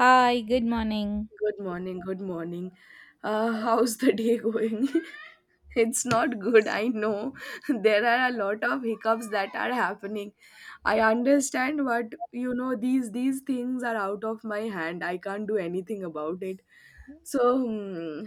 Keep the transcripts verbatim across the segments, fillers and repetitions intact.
Hi, good morning. Good morning, good morning. Uh, how's the day going? It's not good, I know. There are a lot of hiccups that are happening. I understand, but you know, these these things are out of my hand. I can't do anything about it. So, hmm,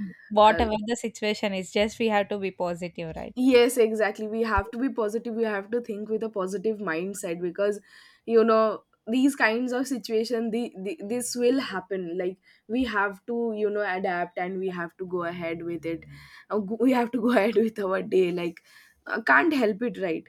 uh, Whatever the situation is, just we have to be positive, right? Yes, exactly. We have to be positive. We have to think with a positive mindset because, you know, these kinds of situation, the, the this will happen. Like we have to, you know, adapt and we have to go ahead with it. Uh, We have to go ahead with our day. Like uh, can't help it, right?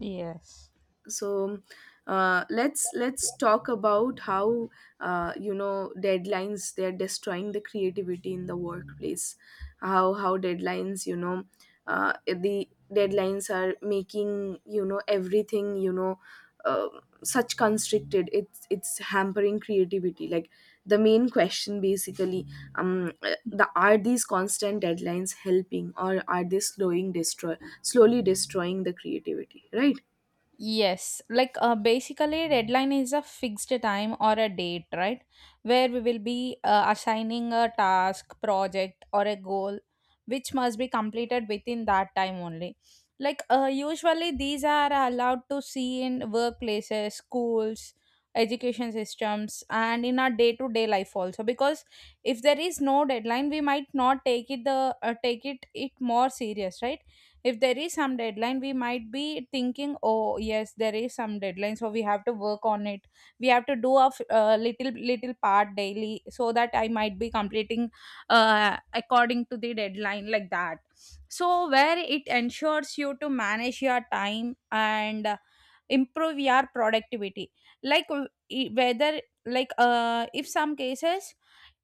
Yes. so uh, let's let's talk about how, uh, you know, deadlines, they're destroying the creativity in the workplace. How how deadlines, you know uh, the deadlines are making, you know, everything you know uh, such constricted, it's it's hampering creativity. Like the main question, basically, um uh, the are these constant deadlines helping, or are they slowing destroy slowly destroying the creativity, right? Yes, like uh, basically, deadline is a fixed time or a date, right? Where we will be uh, assigning a task, project, or a goal which must be completed within that time only. Like, uh, usually, these are allowed to see in workplaces, schools, education systems, and in our day to day life also. Because if there is no deadline, we might not take it the uh, take it it more serious, right? If there is some deadline, we might be thinking, oh yes, there is some deadline, so we have to work on it. We have to do a f- uh, little little part daily so that I might be completing uh, according to the deadline, like that. So where it ensures you to manage your time and improve your productivity, like w- e- whether like uh, if some cases,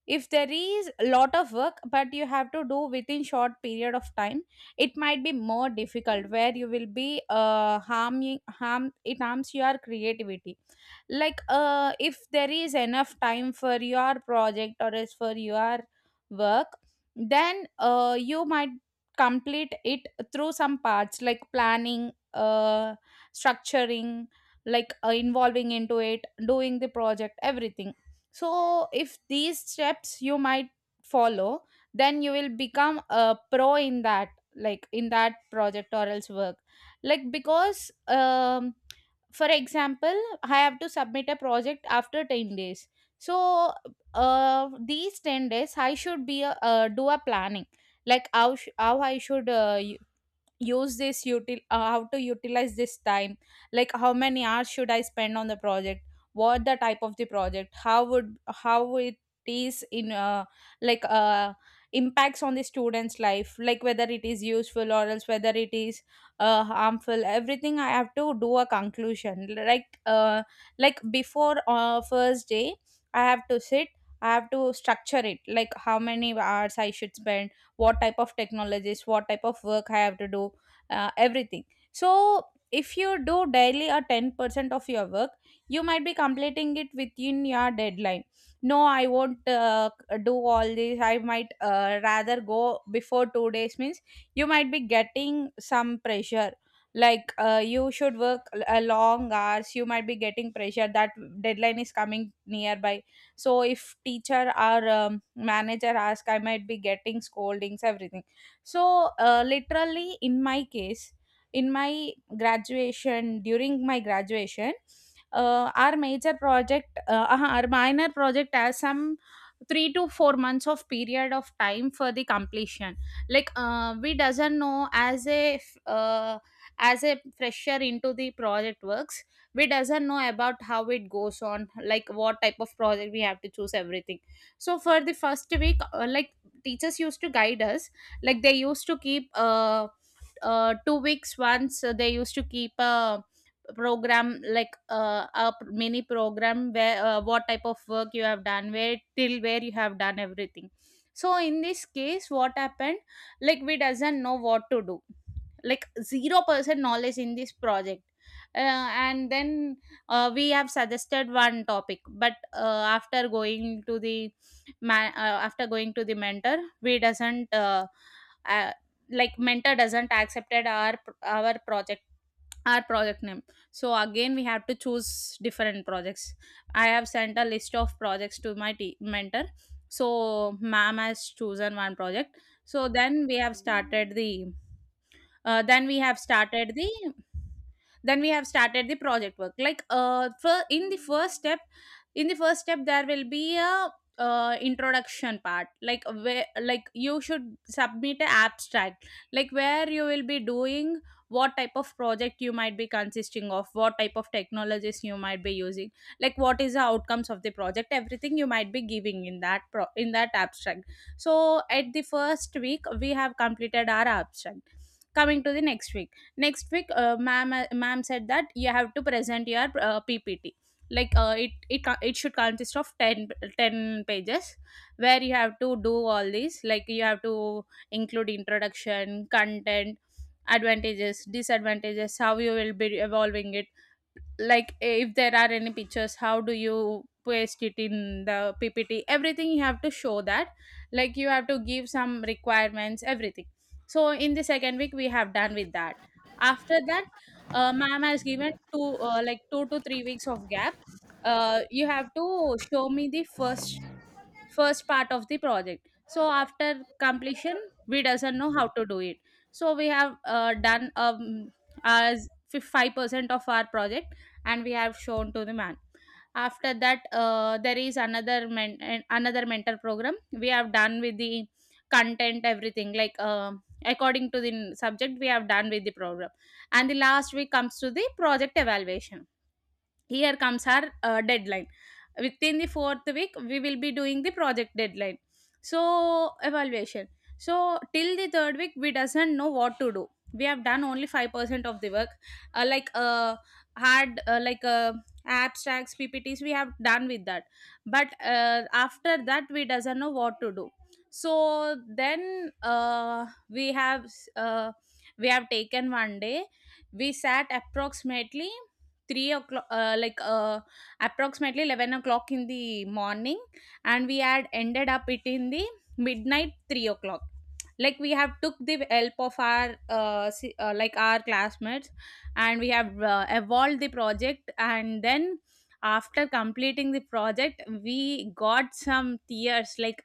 if there is a lot of work but you have to do within short period of time, it might be more difficult where you will be uh, harming harm it harms your creativity. Like uh if there is enough time for your project or as for your work, then uh you might complete it through some parts like planning uh structuring, like uh, involving into it, doing the project, everything. So if these steps you might follow, then you will become a pro in that, like in that project or else work. Like because um for example, I have to submit a project after ten days. So uh, these ten days I should be a, uh, do a planning, like how, sh- how I should uh, use this util uh, how to utilize this time, like how many hours should I spend on the project, what the type of the project, how would how it is in uh, like uh, impacts on the student's life, like whether it is useful or else whether it is uh, harmful, everything I have to do a conclusion. Like uh, like before uh, first day I have to sit, I have to structure it, like how many hours I should spend, what type of technologies, what type of work I have to do, uh, everything. So if you do daily a ten percent of your work, you might be completing it within your deadline. No, I won't uh, do all this. I might uh, rather go before two days, means you might be getting some pressure, like uh, you should work a long hours, you might be getting pressure that deadline is coming nearby. So if teacher or um, manager ask, I might be getting scoldings, everything. So uh, literally in my case, in my graduation, during my graduation, uh, our major project uh, uh, our minor project has some three to four months of period of time for the completion. Like uh, we doesn't know as a uh, as a fresher into the project works, we doesn't know about how it goes on, like what type of project we have to choose, everything. So for the first week uh, like teachers used to guide us, like they used to keep uh, uh two weeks once uh, they used to keep a program, like uh, a pr- mini program where uh, what type of work you have done, where till where you have done, everything. So in this case what happened, like we doesn't know what to do, like zero percent knowledge in this project. Uh, and then uh, we have suggested one topic, but uh, after going to the ma- uh, after going to the mentor, we doesn't uh, uh, like mentor doesn't accepted our our project, our project name. So again we have to choose different projects. I have sent a list of projects to my te- mentor. So ma'am has chosen one project. So then we have started the uh, then we have started the then we have started the project work, like uh, for in the first step, in the first step there will be a uh, introduction part, like where like you should submit a abstract, like where you will be doing what type of project you might be consisting of, what type of technologies you might be using, like what is the outcomes of the project, everything you might be giving in that pro- in that abstract. So at the first week we have completed our abstract. Coming to the next week, next week uh, ma'am uh, ma'am said that you have to present your uh, ppt, like uh, it it co- it should consist of ten ten pages where you have to do all these, like you have to include introduction, content, advantages, disadvantages, how you will be evolving it, like if there are any pictures, how do you paste it in the ppt, everything you have to show that. Like you have to give some requirements, everything. So in the second week we have done with that. After that uh, ma'am has given two uh, like two to three weeks of gap. Uh, you have to show me the first, first part of the project. So after completion, we doesn't know how to do it. So we have uh, done um, as five percent of our project, and we have shown to the man. After that uh, there is another men- an- another mentor program. We have done with the content, everything. Like uh, according to the subject we have done with the program. And the last week comes to the project evaluation. Here comes our uh, deadline. Within the fourth week we will be doing the project deadline. So evaluation. So till the third week we doesn't know what to do. We have done only five percent of the work. Uh, like uh, hard uh, like uh, abstracts, ppts we have done with that. But uh, after that we doesn't know what to do. So then uh, we have uh, we have taken one day. We sat approximately three o'clock uh, like uh, approximately eleven o'clock in the morning, and we had ended up it in the midnight three o'clock. Like we have took the help of our uh, si- uh, like our classmates, and we have uh, evolved the project. And then after completing the project, we got some tears, like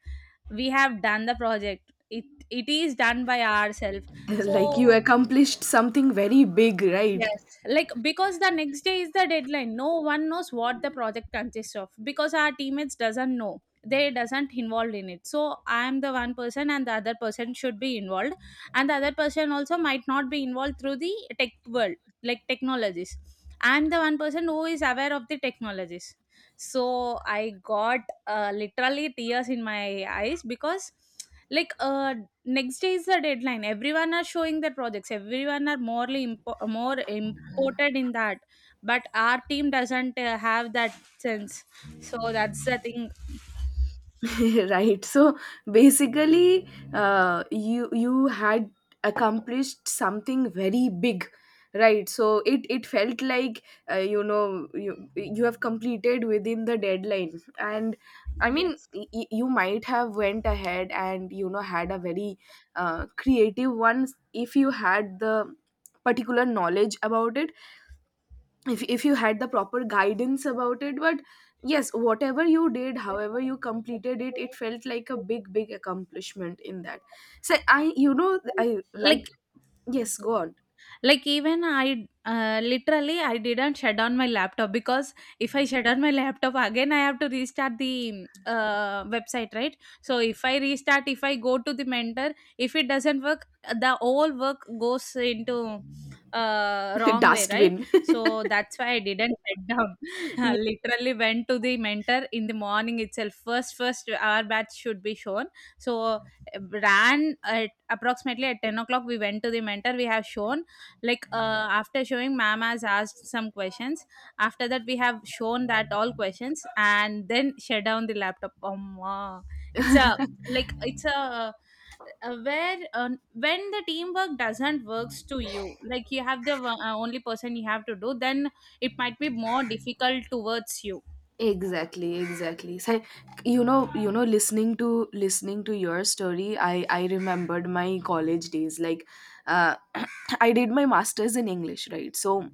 we have done the project, it it is done by ourselves. Like you So accomplished something very big, right? Yes, like because the next day is the deadline. No one knows what the project consists of because our teammates doesn't know. They doesn't involved in it. So I am the one person and the other person should be involved, and the other person also might not be involved through the tech world, like technologies. I'm the one person who is aware of the technologies. So I got uh, literally tears in my eyes because like uh, next day is the deadline everyone are showing their projects everyone are morely impo- more imported in that but our team doesn't uh, have that sense so that's the thing Right, so basically, uh, you you had accomplished something very big, right? So it it felt like, uh, you know you, you have completed within the deadline. And I mean, yes, y- y- you might have went ahead and, you know, had a very uh, creative one if you had the particular knowledge about it, if if you had the proper guidance about it. But yes, whatever you did, however you completed it, it felt like a big big accomplishment in that. So I, you know, I like. like— yes, go on. Like even I uh, literally, I didn't shut down my laptop, because if I shut down my laptop, again I have to restart the uh, website, right? So if I restart, if I go to the mentor, if it doesn't work, uh, the whole work goes into uh wrong way, right? Dustbin. So that's why I didn't shut down. I Yeah, literally went to the mentor in the morning itself. First, first our batch should be shown. So ran at approximately at ten o'clock. We went to the mentor, we have shown, like uh, after showing, ma'am has asked some questions. After that we have shown that all questions and then shut down the laptop. Um, it's a, like it's a uh, where uh, when the teamwork doesn't works to you, like you have the uh, only person, you have to do, then it might be more difficult towards you. exactly, exactly. So you know, you know, listening to listening to your story, i i remembered my college days. like uh, I did my masters in English, right? So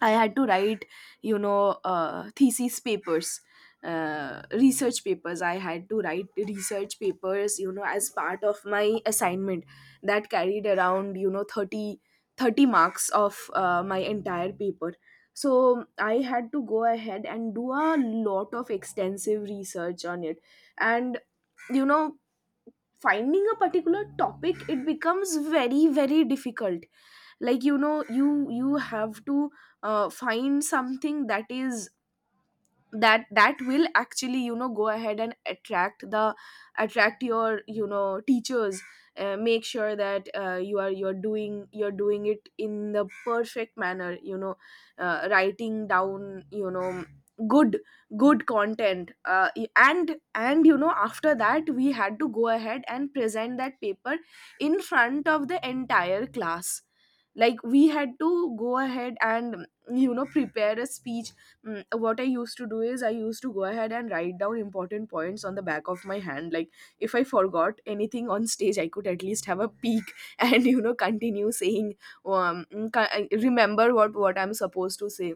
I had to write, you know, uh, thesis papers, uh, research papers. I had to write research papers, you know, as part of my assignment that carried around, you know, thirty thirty marks of uh, my entire paper. So I had to go ahead and do a lot of extensive research on it. And, you know, finding a particular topic, it becomes very very difficult. Like, you know, you you have to uh, find something that is that that will actually, you know, go ahead and attract the— attract your, you know, teachers. Uh, make sure that uh, you are— you're doing— you're doing it in the perfect manner, you know, uh, writing down, you know, good good content. Uh, and and you know, after that we had to go ahead and present that paper in front of the entire class. Like we had to go ahead and, you know, prepare a speech. Mm, what I used to do is I used to go ahead and write down important points on the back of my hand. Like if I forgot anything on stage, I could at least have a peek and you know continue saying, um, mm, ca- I remember what what I'm supposed to say.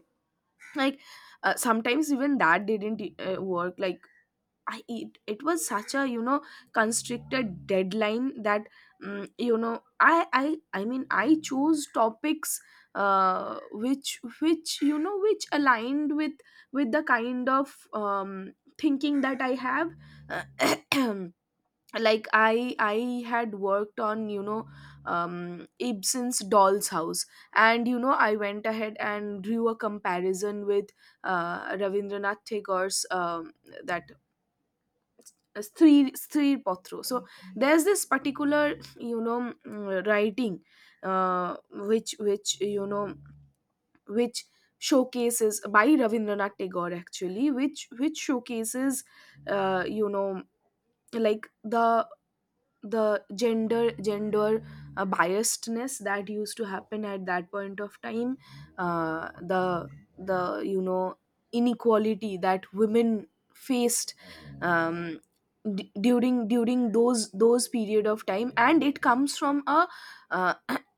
Like, uh, sometimes even that didn't uh, work. Like I— it, it was such a, you know, constricted deadline that, mm you know, I I I mean, I chose topics, uh, which which, you know, which aligned with with the kind of um, thinking that I have. Uh, like I I had worked on, you know, um, Ibsen's Doll's House, and you know, I went ahead and drew a comparison with, uh, Ravindranath Tagore's, um, that স্ত্রীর স্ত্রীর পত্র. So there's this particular, you know mm, writing, uh, which which, you know, which showcases— by Ravindranath Tagore, actually, which which showcases, uh, you know like the the gender gender uh, biasedness that used to happen at that point of time. Uh, the, the you know, inequality that women faced um, d- during during those those period of time. And it comes from a, uh,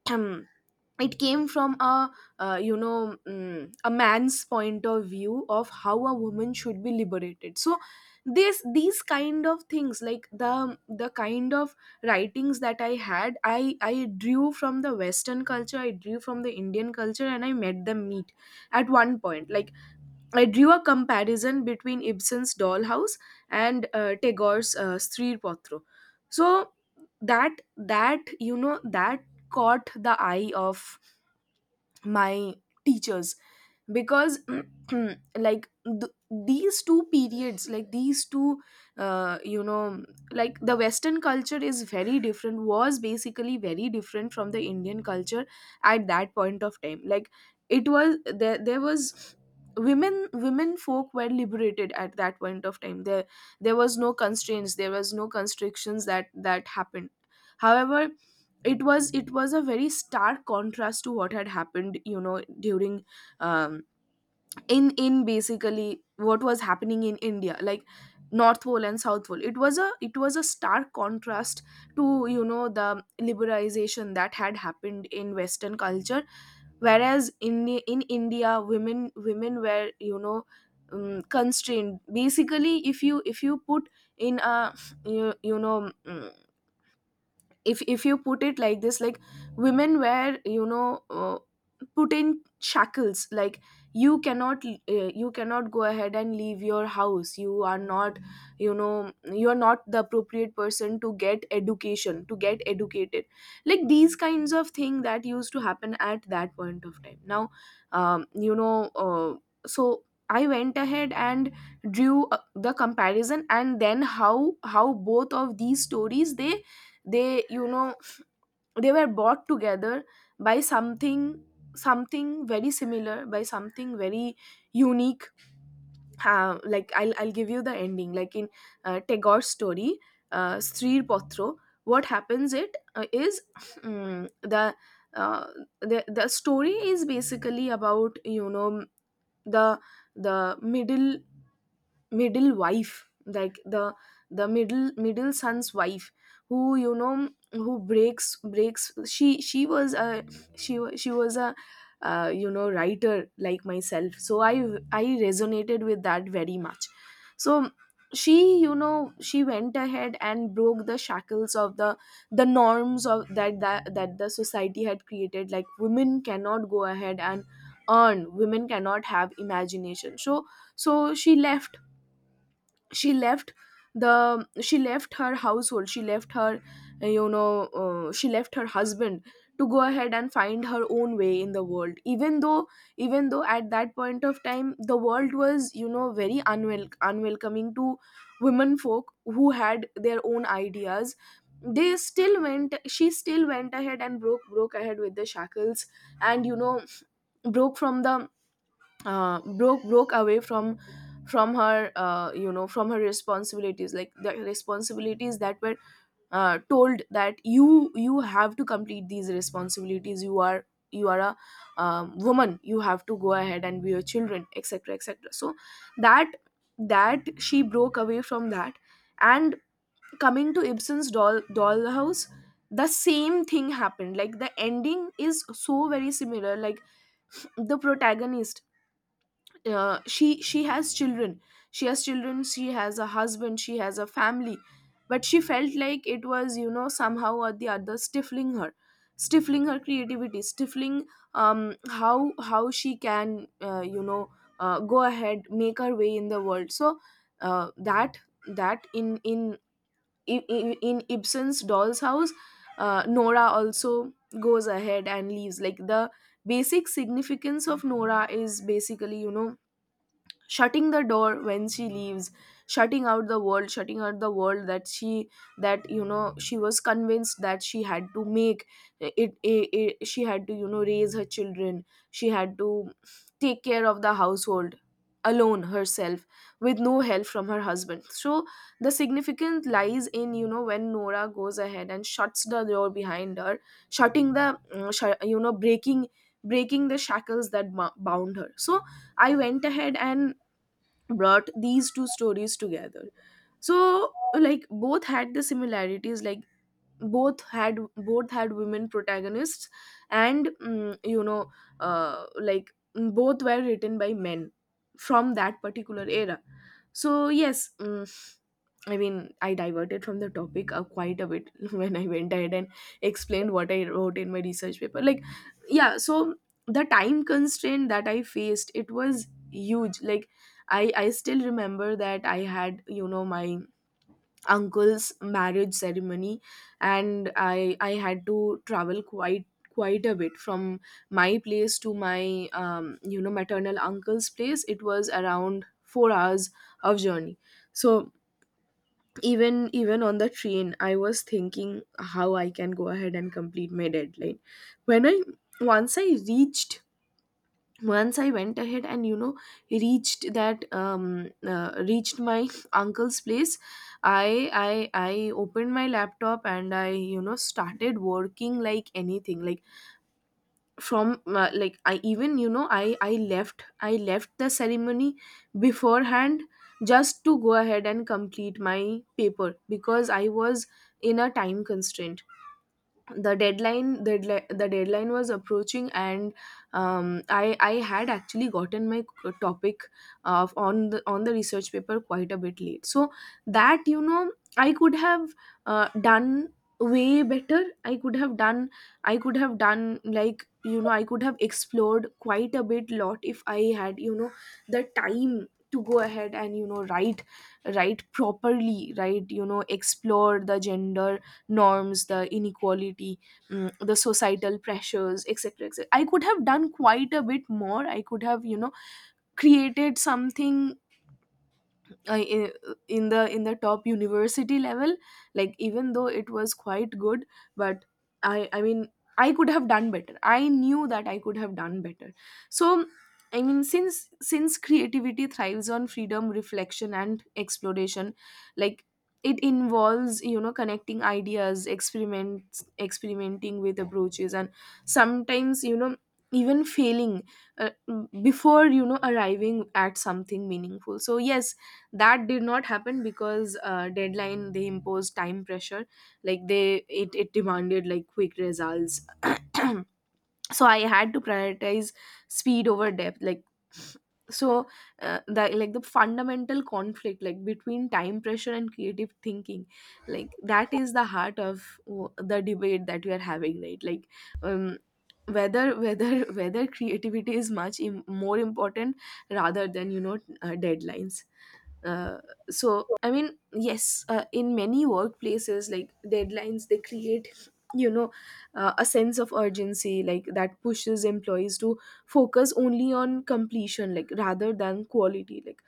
it came from a, uh, you know mm, a man's point of view of how a woman should be liberated. So this these kind of things, like the, the kind of writings that I had, i i drew from the western culture, I drew from the Indian culture, and I made them meet at one point. Like I drew a comparison between Ibsen's Dollhouse and, uh, Tagore's, uh, Sri Potro. So that that, you know, that caught the eye of my teachers, because like th- these two periods, like these two, uh, you know like the western culture is very different— was basically very different from the Indian culture at that point of time. Like it was— there there was— women women folk were liberated at that point of time. There there was no constraints, there was no constrictions that that happened. However, it was it was a very stark contrast to what had happened, you know, during, um, in in basically what was happening in India. Like north pole and south pole, it was a it was a stark contrast to, you know, the liberalization that had happened in western culture. Whereas in in India, women women were, you know, um, constrained. Basically, if you if you put in a— you, you know mm, if if you put it like this, like women were, you know, uh, put in shackles. Like you cannot, uh, you cannot go ahead and leave your house. You are not, you know, you are not the appropriate person to get education, to get educated. Like these kinds of thing that used to happen at that point of time. Now, um, you know uh, so I went ahead and drew, uh, the comparison, and then how how both of these stories, they they, you know, they were brought together by something, something very similar, by something very unique. Uh, like I'll, I'll give you the ending. Like in, uh, Tagore's story, uh, Sri Potro, what happens— it uh, is mm, the uh, the the story is basically about, you know, the the middle middle wife, like the the middle middle son's wife who, you know, who breaks— breaks she— she was a she wa- she was a, uh, you know, writer like myself. So i I resonated with that very much. So she, you know, she went ahead and broke the shackles of the, the norms of that that, that the society had created. Like women cannot go ahead and earn, women cannot have imagination. So so she left, she left the she left her household, she left her, uh, you know uh, she left her husband to go ahead and find her own way in the world, even though, even though at that point of time, the world was, you know, very unwel- unwelcoming to women folk who had their own ideas. They still went She still went ahead and broke— broke ahead with the shackles, and you know, broke from the, uh, broke broke away from from her, uh, you know from her responsibilities. Like the responsibilities that were, uh, told that you— you have to complete these responsibilities, you are— you are a, um, woman, you have to go ahead and be your children, etc, etc. So that that, she broke away from that. And coming to Ibsen's doll Dollhouse, the same thing happened. Like the ending is so very similar. Like the protagonist, uh, she she has children, she has children she has a husband, she has a family, but she felt like it was, you know, somehow or the other stifling her, stifling her creativity, stifling, um how how she can, uh, you know uh, go ahead, make her way in the world. So, uh, that that in in in, in Ibsen's Doll's House, uh, Nora also goes ahead and leaves. Like the basic significance of Nora is basically, you know, shutting the door when she leaves, shutting out the world, shutting out the world that she— that, you know, she was convinced that she had to make it, it, it, she had to, you know, raise her children, she had to take care of the household alone herself with no help from her husband. So the significance lies in, you know, when Nora goes ahead and shuts the door behind her, shutting the, uh, sh- you know, breaking, breaking the shackles that bo- bound her. So I went ahead and brought these two stories together. So like both had the similarities. Like both had— both had women protagonists, and mm, you know, uh, like mm, both were written by men from that particular era. So yes, mm, I mean, I diverted from the topic uh, quite a bit when I went ahead and explained what I wrote in my research paper. Like, yeah, so the time constraint that I faced, it was huge. Like, I I still remember that I had you know my uncle's marriage ceremony, and i i had to travel quite quite a bit from my place to my um, you know maternal uncle's place. It was around four hours of journey. So even even on the train I was thinking how I can go ahead and complete my deadline. When i once i reached once i went ahead and you know reached that um uh, reached my uncle's place. I i i opened my laptop and i you know started working like anything. Like, from uh, like, I even you know I I left I left the ceremony beforehand just to go ahead and complete my paper because I was in a time constraint. The deadline the, deadli- the deadline was approaching. And um, I, I had actually gotten my c- topic of on the on the research paper quite a bit late, so that you know I could have uh, done way better. I could have done i could have done like, you know I could have explored quite a bit lot if I had you know the time to go ahead and you know write write properly, right, you know explore the gender norms, the inequality, mm, the societal pressures, etc etc. I could have done quite a bit more. I could have you know created something I in, in the in the top university level. Like, even though it was quite good, but i i mean I could have done better. I knew that I could have done better. So I mean, since since creativity thrives on freedom, reflection, and exploration. Like, it involves you know connecting ideas, experiments experimenting with approaches, and sometimes you know even failing uh, before you know arriving at something meaningful. So yes, that did not happen because uh, deadline, they imposed time pressure. Like, they it, it demanded like quick results. So I had to prioritize speed over depth. Like, so, uh, the like the fundamental conflict, like, between time pressure and creative thinking. Like, that is the heart of w- the debate that we are having, right? Like, um whether whether whether creativity is much Im- more important, rather than you know uh, deadlines. uh, so I mean, yes, uh, in many workplaces, like, deadlines, they create you know uh, a sense of urgency, like that pushes employees to focus only on completion, like, rather than quality. Like,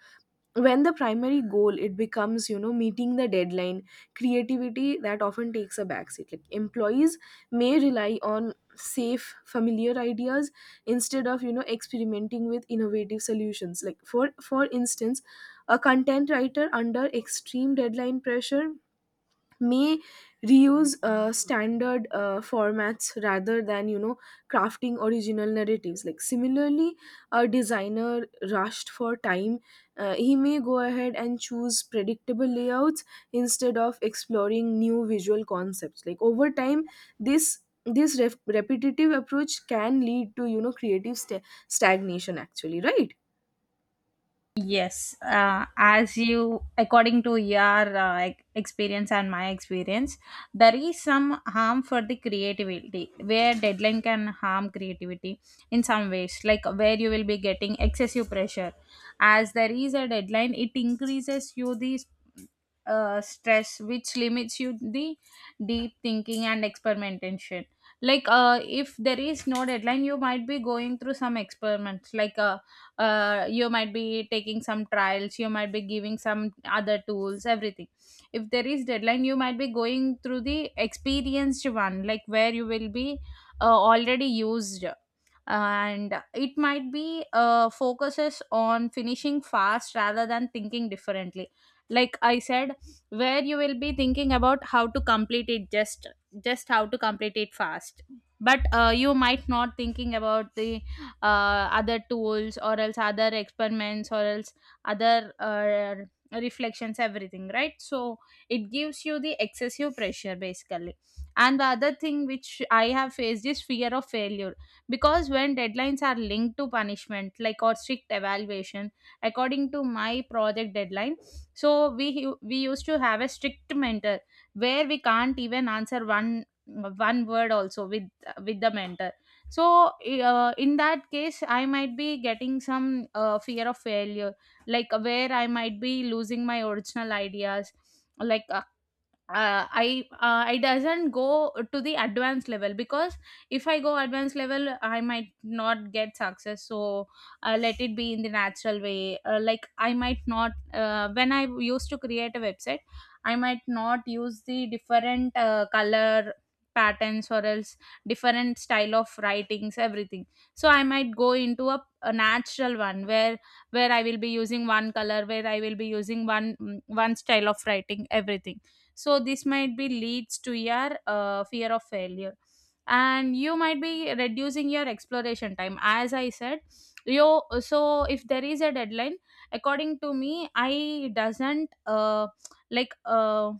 when the primary goal, it becomes you know meeting the deadline, creativity that often takes a backseat. Like, employees may rely on safe, familiar ideas instead of you know experimenting with innovative solutions. Like, for for instance, a content writer under extreme deadline pressure may reuse uh, standard uh, formats rather than you know crafting original narratives. Like, similarly, a designer rushed for time, uh, he may go ahead and choose predictable layouts instead of exploring new visual concepts. Like, over time, this this ref- repetitive approach can lead to you know creative sta stagnation, actually, right? Yes, uh, as you, according to your uh, ex- experience and my experience, there is some harm for the creativity where deadline can harm creativity in some ways, like where you will be getting excessive pressure. As there is a deadline, it increases you the uh, stress, which limits you the deep thinking and experimentation. Like, uh, if there is no deadline, you might be going through some experiments, like uh, uh, you might be taking some trials, you might be giving some other tools, everything. If there is deadline, you might be going through the experienced one, like where you will be uh, already used, and it might be uh, focuses on finishing fast rather than thinking differently. Like I said, where you will be thinking about how to complete it, just just how to complete it fast, but uh, you might not thinking about the uh, other tools or else other experiments or else other uh, reflections, everything, right? So it gives you the excessive pressure basically. And the other thing which I have faced is fear of failure, because when deadlines are linked to punishment, like or strict evaluation, according to my project deadline, so we we used to have a strict mentor where we can't even answer one one word also with with the mentor. So i- uh, in that case I might be getting some uh, fear of failure, like where I might be losing my original ideas, like uh, uh, I uh, I doesn't go to the advanced level, because if I go advanced level, I might not get success. So uh, let it be in the natural way. Uh, like I might not uh, when I used to create a website, I might not use the different uh, color patterns or else different style of writings, everything. So I might go into a, a natural one, where where I will be using one color, where I will be using one mm, one style of writing, everything. So this might be leads to your uh, fear of failure, and you might be reducing your exploration time. As I said, you. So if there is a deadline, according to me I doesn't uh, like uh,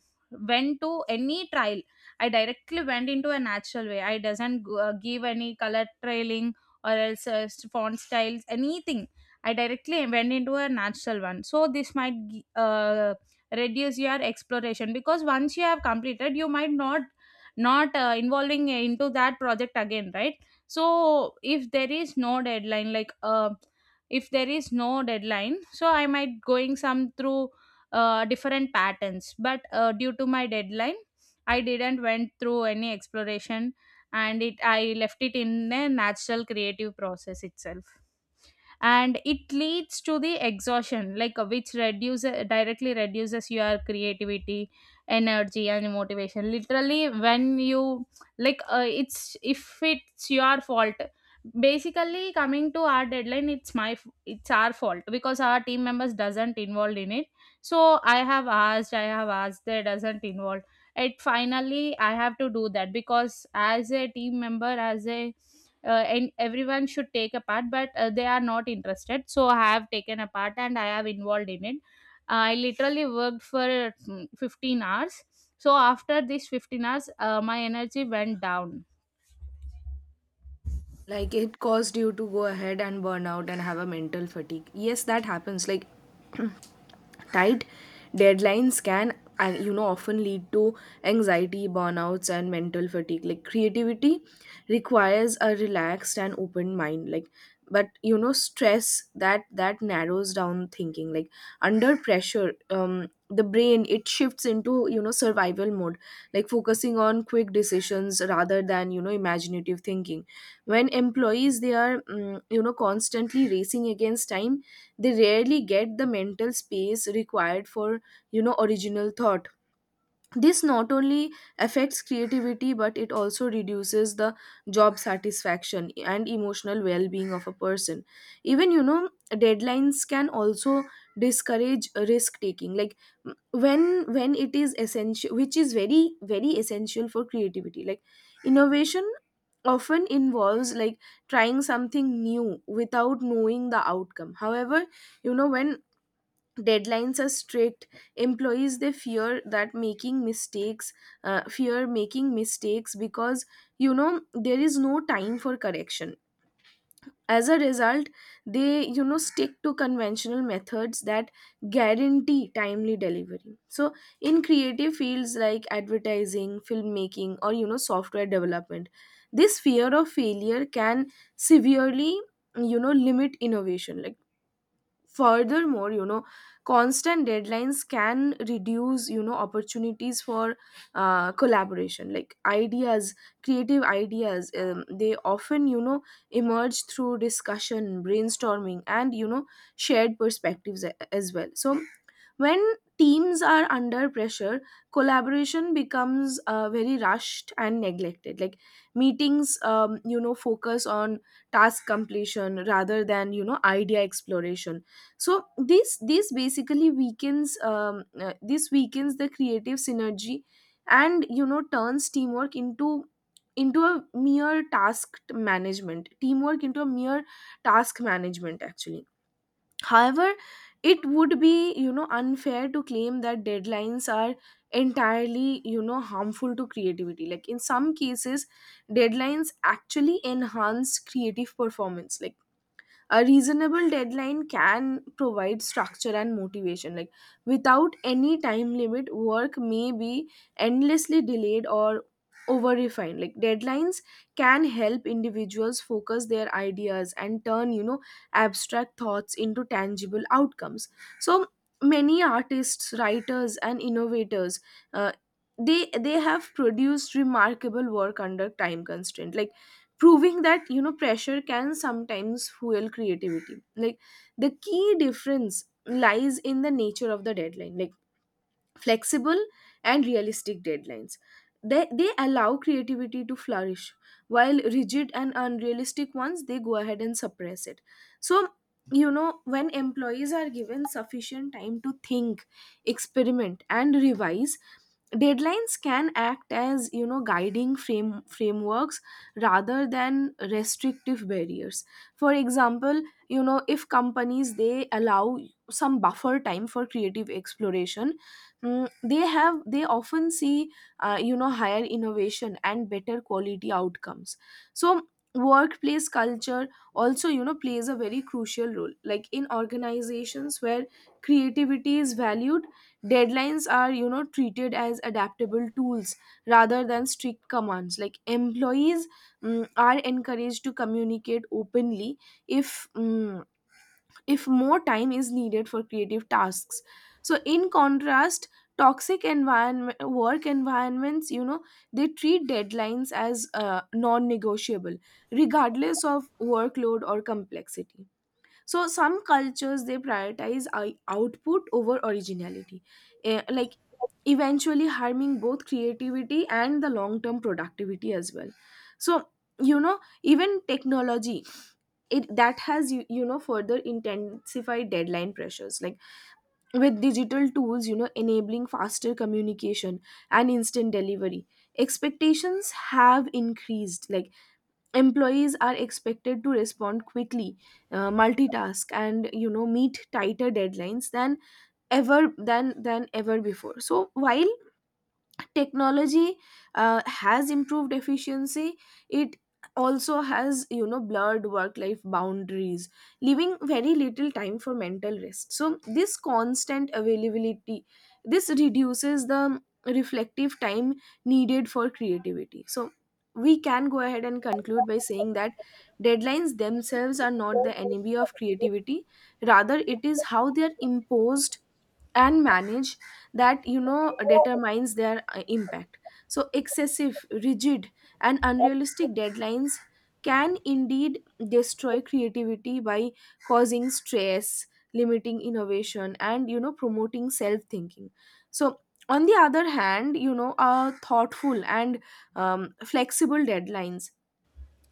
went to any trial. I directly went into a natural way. I doesn't g- uh, give any color trailing or else uh, s- font styles, anything. I directly went into a natural one. So this might gi- uh, reduce your exploration, because once you have completed, you might not not uh, involving into that project again, right? So if there is no deadline, like uh, if there is no deadline, so I might going some through uh, different patterns. But uh, due to my deadline, I didn't went through any exploration, and it I left it in a natural creative process itself. And it leads to the exhaustion, like uh, which reduces, directly reduces your creativity energy and motivation. Literally when you, like uh, it's if it's your fault, basically coming to our deadline, it's my f- it's our fault, because our team members doesn't involved in it. So i have asked I have asked, they doesn't involve it. Finally I have to do that, because as a team member, as a uh, and everyone should take a part, but uh, they are not interested. So I have taken a part and I have involved in it. I literally worked for mm, fifteen hours. So after these fifteen hours, uh, my energy went down. Like, it caused you to go ahead and burn out and have a mental fatigue, yes, that happens. Like, tight deadlines can uh, you know often lead to anxiety, burnouts, and mental fatigue. Like, creativity requires a relaxed and open mind. Like, but you know stress, that that narrows down thinking. Like, under pressure, um the brain, it shifts into you know survival mode, like, focusing on quick decisions rather than you know imaginative thinking. When employees, they are mm, you know constantly racing against time, they rarely get the mental space required for you know original thought. This not only affects creativity, but it also reduces the job satisfaction and emotional well-being of a person. Even, you know deadlines can also discourage risk taking. Like, m- when when it is essential, which is very very essential for creativity. Like, innovation often involves like trying something new without knowing the outcome. However, you know when deadlines are strict, employees, they fear that making mistakes uh, fear making mistakes, because you know there is no time for correction. As a result, they you know stick to conventional methods that guarantee timely delivery. So in creative fields like advertising, filmmaking, or you know software development, this fear of failure can severely you know limit innovation. Like, furthermore, you know constant deadlines can reduce you know opportunities for uh, collaboration. Like, ideas creative ideas, um, they often you know emerge through discussion, brainstorming, and you know shared perspectives, a- as well. So when teams are under pressure, collaboration becomes uh, very rushed and neglected. Like, meetings, um, you know, focus on task completion rather than you know idea exploration. So this this basically weakens um, uh, this weakens the creative synergy, and you know turns teamwork into into a mere task management. Teamwork into a mere task management, actually. However, it would be, you know, unfair to claim that deadlines are entirely, you know, harmful to creativity. Like, in some cases, deadlines actually enhance creative performance. Like, a reasonable deadline can provide structure and motivation. Like, without any time limit, work may be endlessly delayed or over refined. Like, deadlines can help individuals focus their ideas and turn you know abstract thoughts into tangible outcomes. So many artists, writers, and innovators, uh, they they have produced remarkable work under time constraint. Like, proving that you know pressure can sometimes fuel creativity. Like, the key difference lies in the nature of the deadline. Like, flexible and realistic deadlines. They, they allow creativity to flourish, while rigid and unrealistic ones, they go ahead and suppress it. So, you know, when employees are given sufficient time to think, experiment, and revise, deadlines can act as you know guiding frame frameworks rather than restrictive barriers. For example, you know if companies, they allow some buffer time for creative exploration, Mm, they have they often see uh, you know higher innovation and better quality outcomes. So workplace culture also you know plays a very crucial role. Like, in organizations where creativity is valued, deadlines are you know treated as adaptable tools rather than strict commands. Like, employees, mm, are encouraged to communicate openly if mm if more time is needed for creative tasks. So, in contrast, toxic environment work environments, you know they treat deadlines as uh, non-negotiable, regardless of workload or complexity. So some cultures, they prioritize i- output over originality, eh, like, eventually harming both creativity and the long-term productivity as well. So, you know even technology, it that has you, you know further intensified deadline pressures. Like, with digital tools you know enabling faster communication and instant delivery, expectations have increased. Like, employees are expected to respond quickly, uh, multitask, and you know meet tighter deadlines than ever than than ever before. So while technology, uh, has improved efficiency, it also has you know blurred work life boundaries, leaving very little time for mental rest. So this constant availability, this reduces the reflective time needed for creativity. So we can go ahead and conclude by saying that deadlines themselves are not the enemy of creativity. Rather, it is how they are imposed and manage that you know determines their uh, impact. So excessive, rigid, and unrealistic deadlines can indeed destroy creativity by causing stress, limiting innovation, and you know promoting self thinking. So, on the other hand, you know a thoughtful and um, flexible deadlines,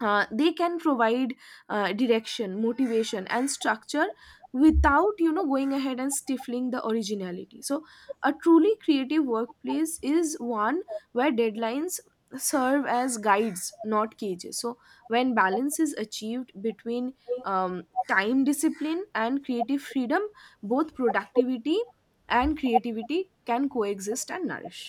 uh, they can provide uh, direction, motivation, and structure without you know going ahead and stifling the originality. So a truly creative workplace is one where deadlines serve as guides, not cages. So when balance is achieved between um, time, discipline, and creative freedom, both productivity and creativity can coexist and nourish.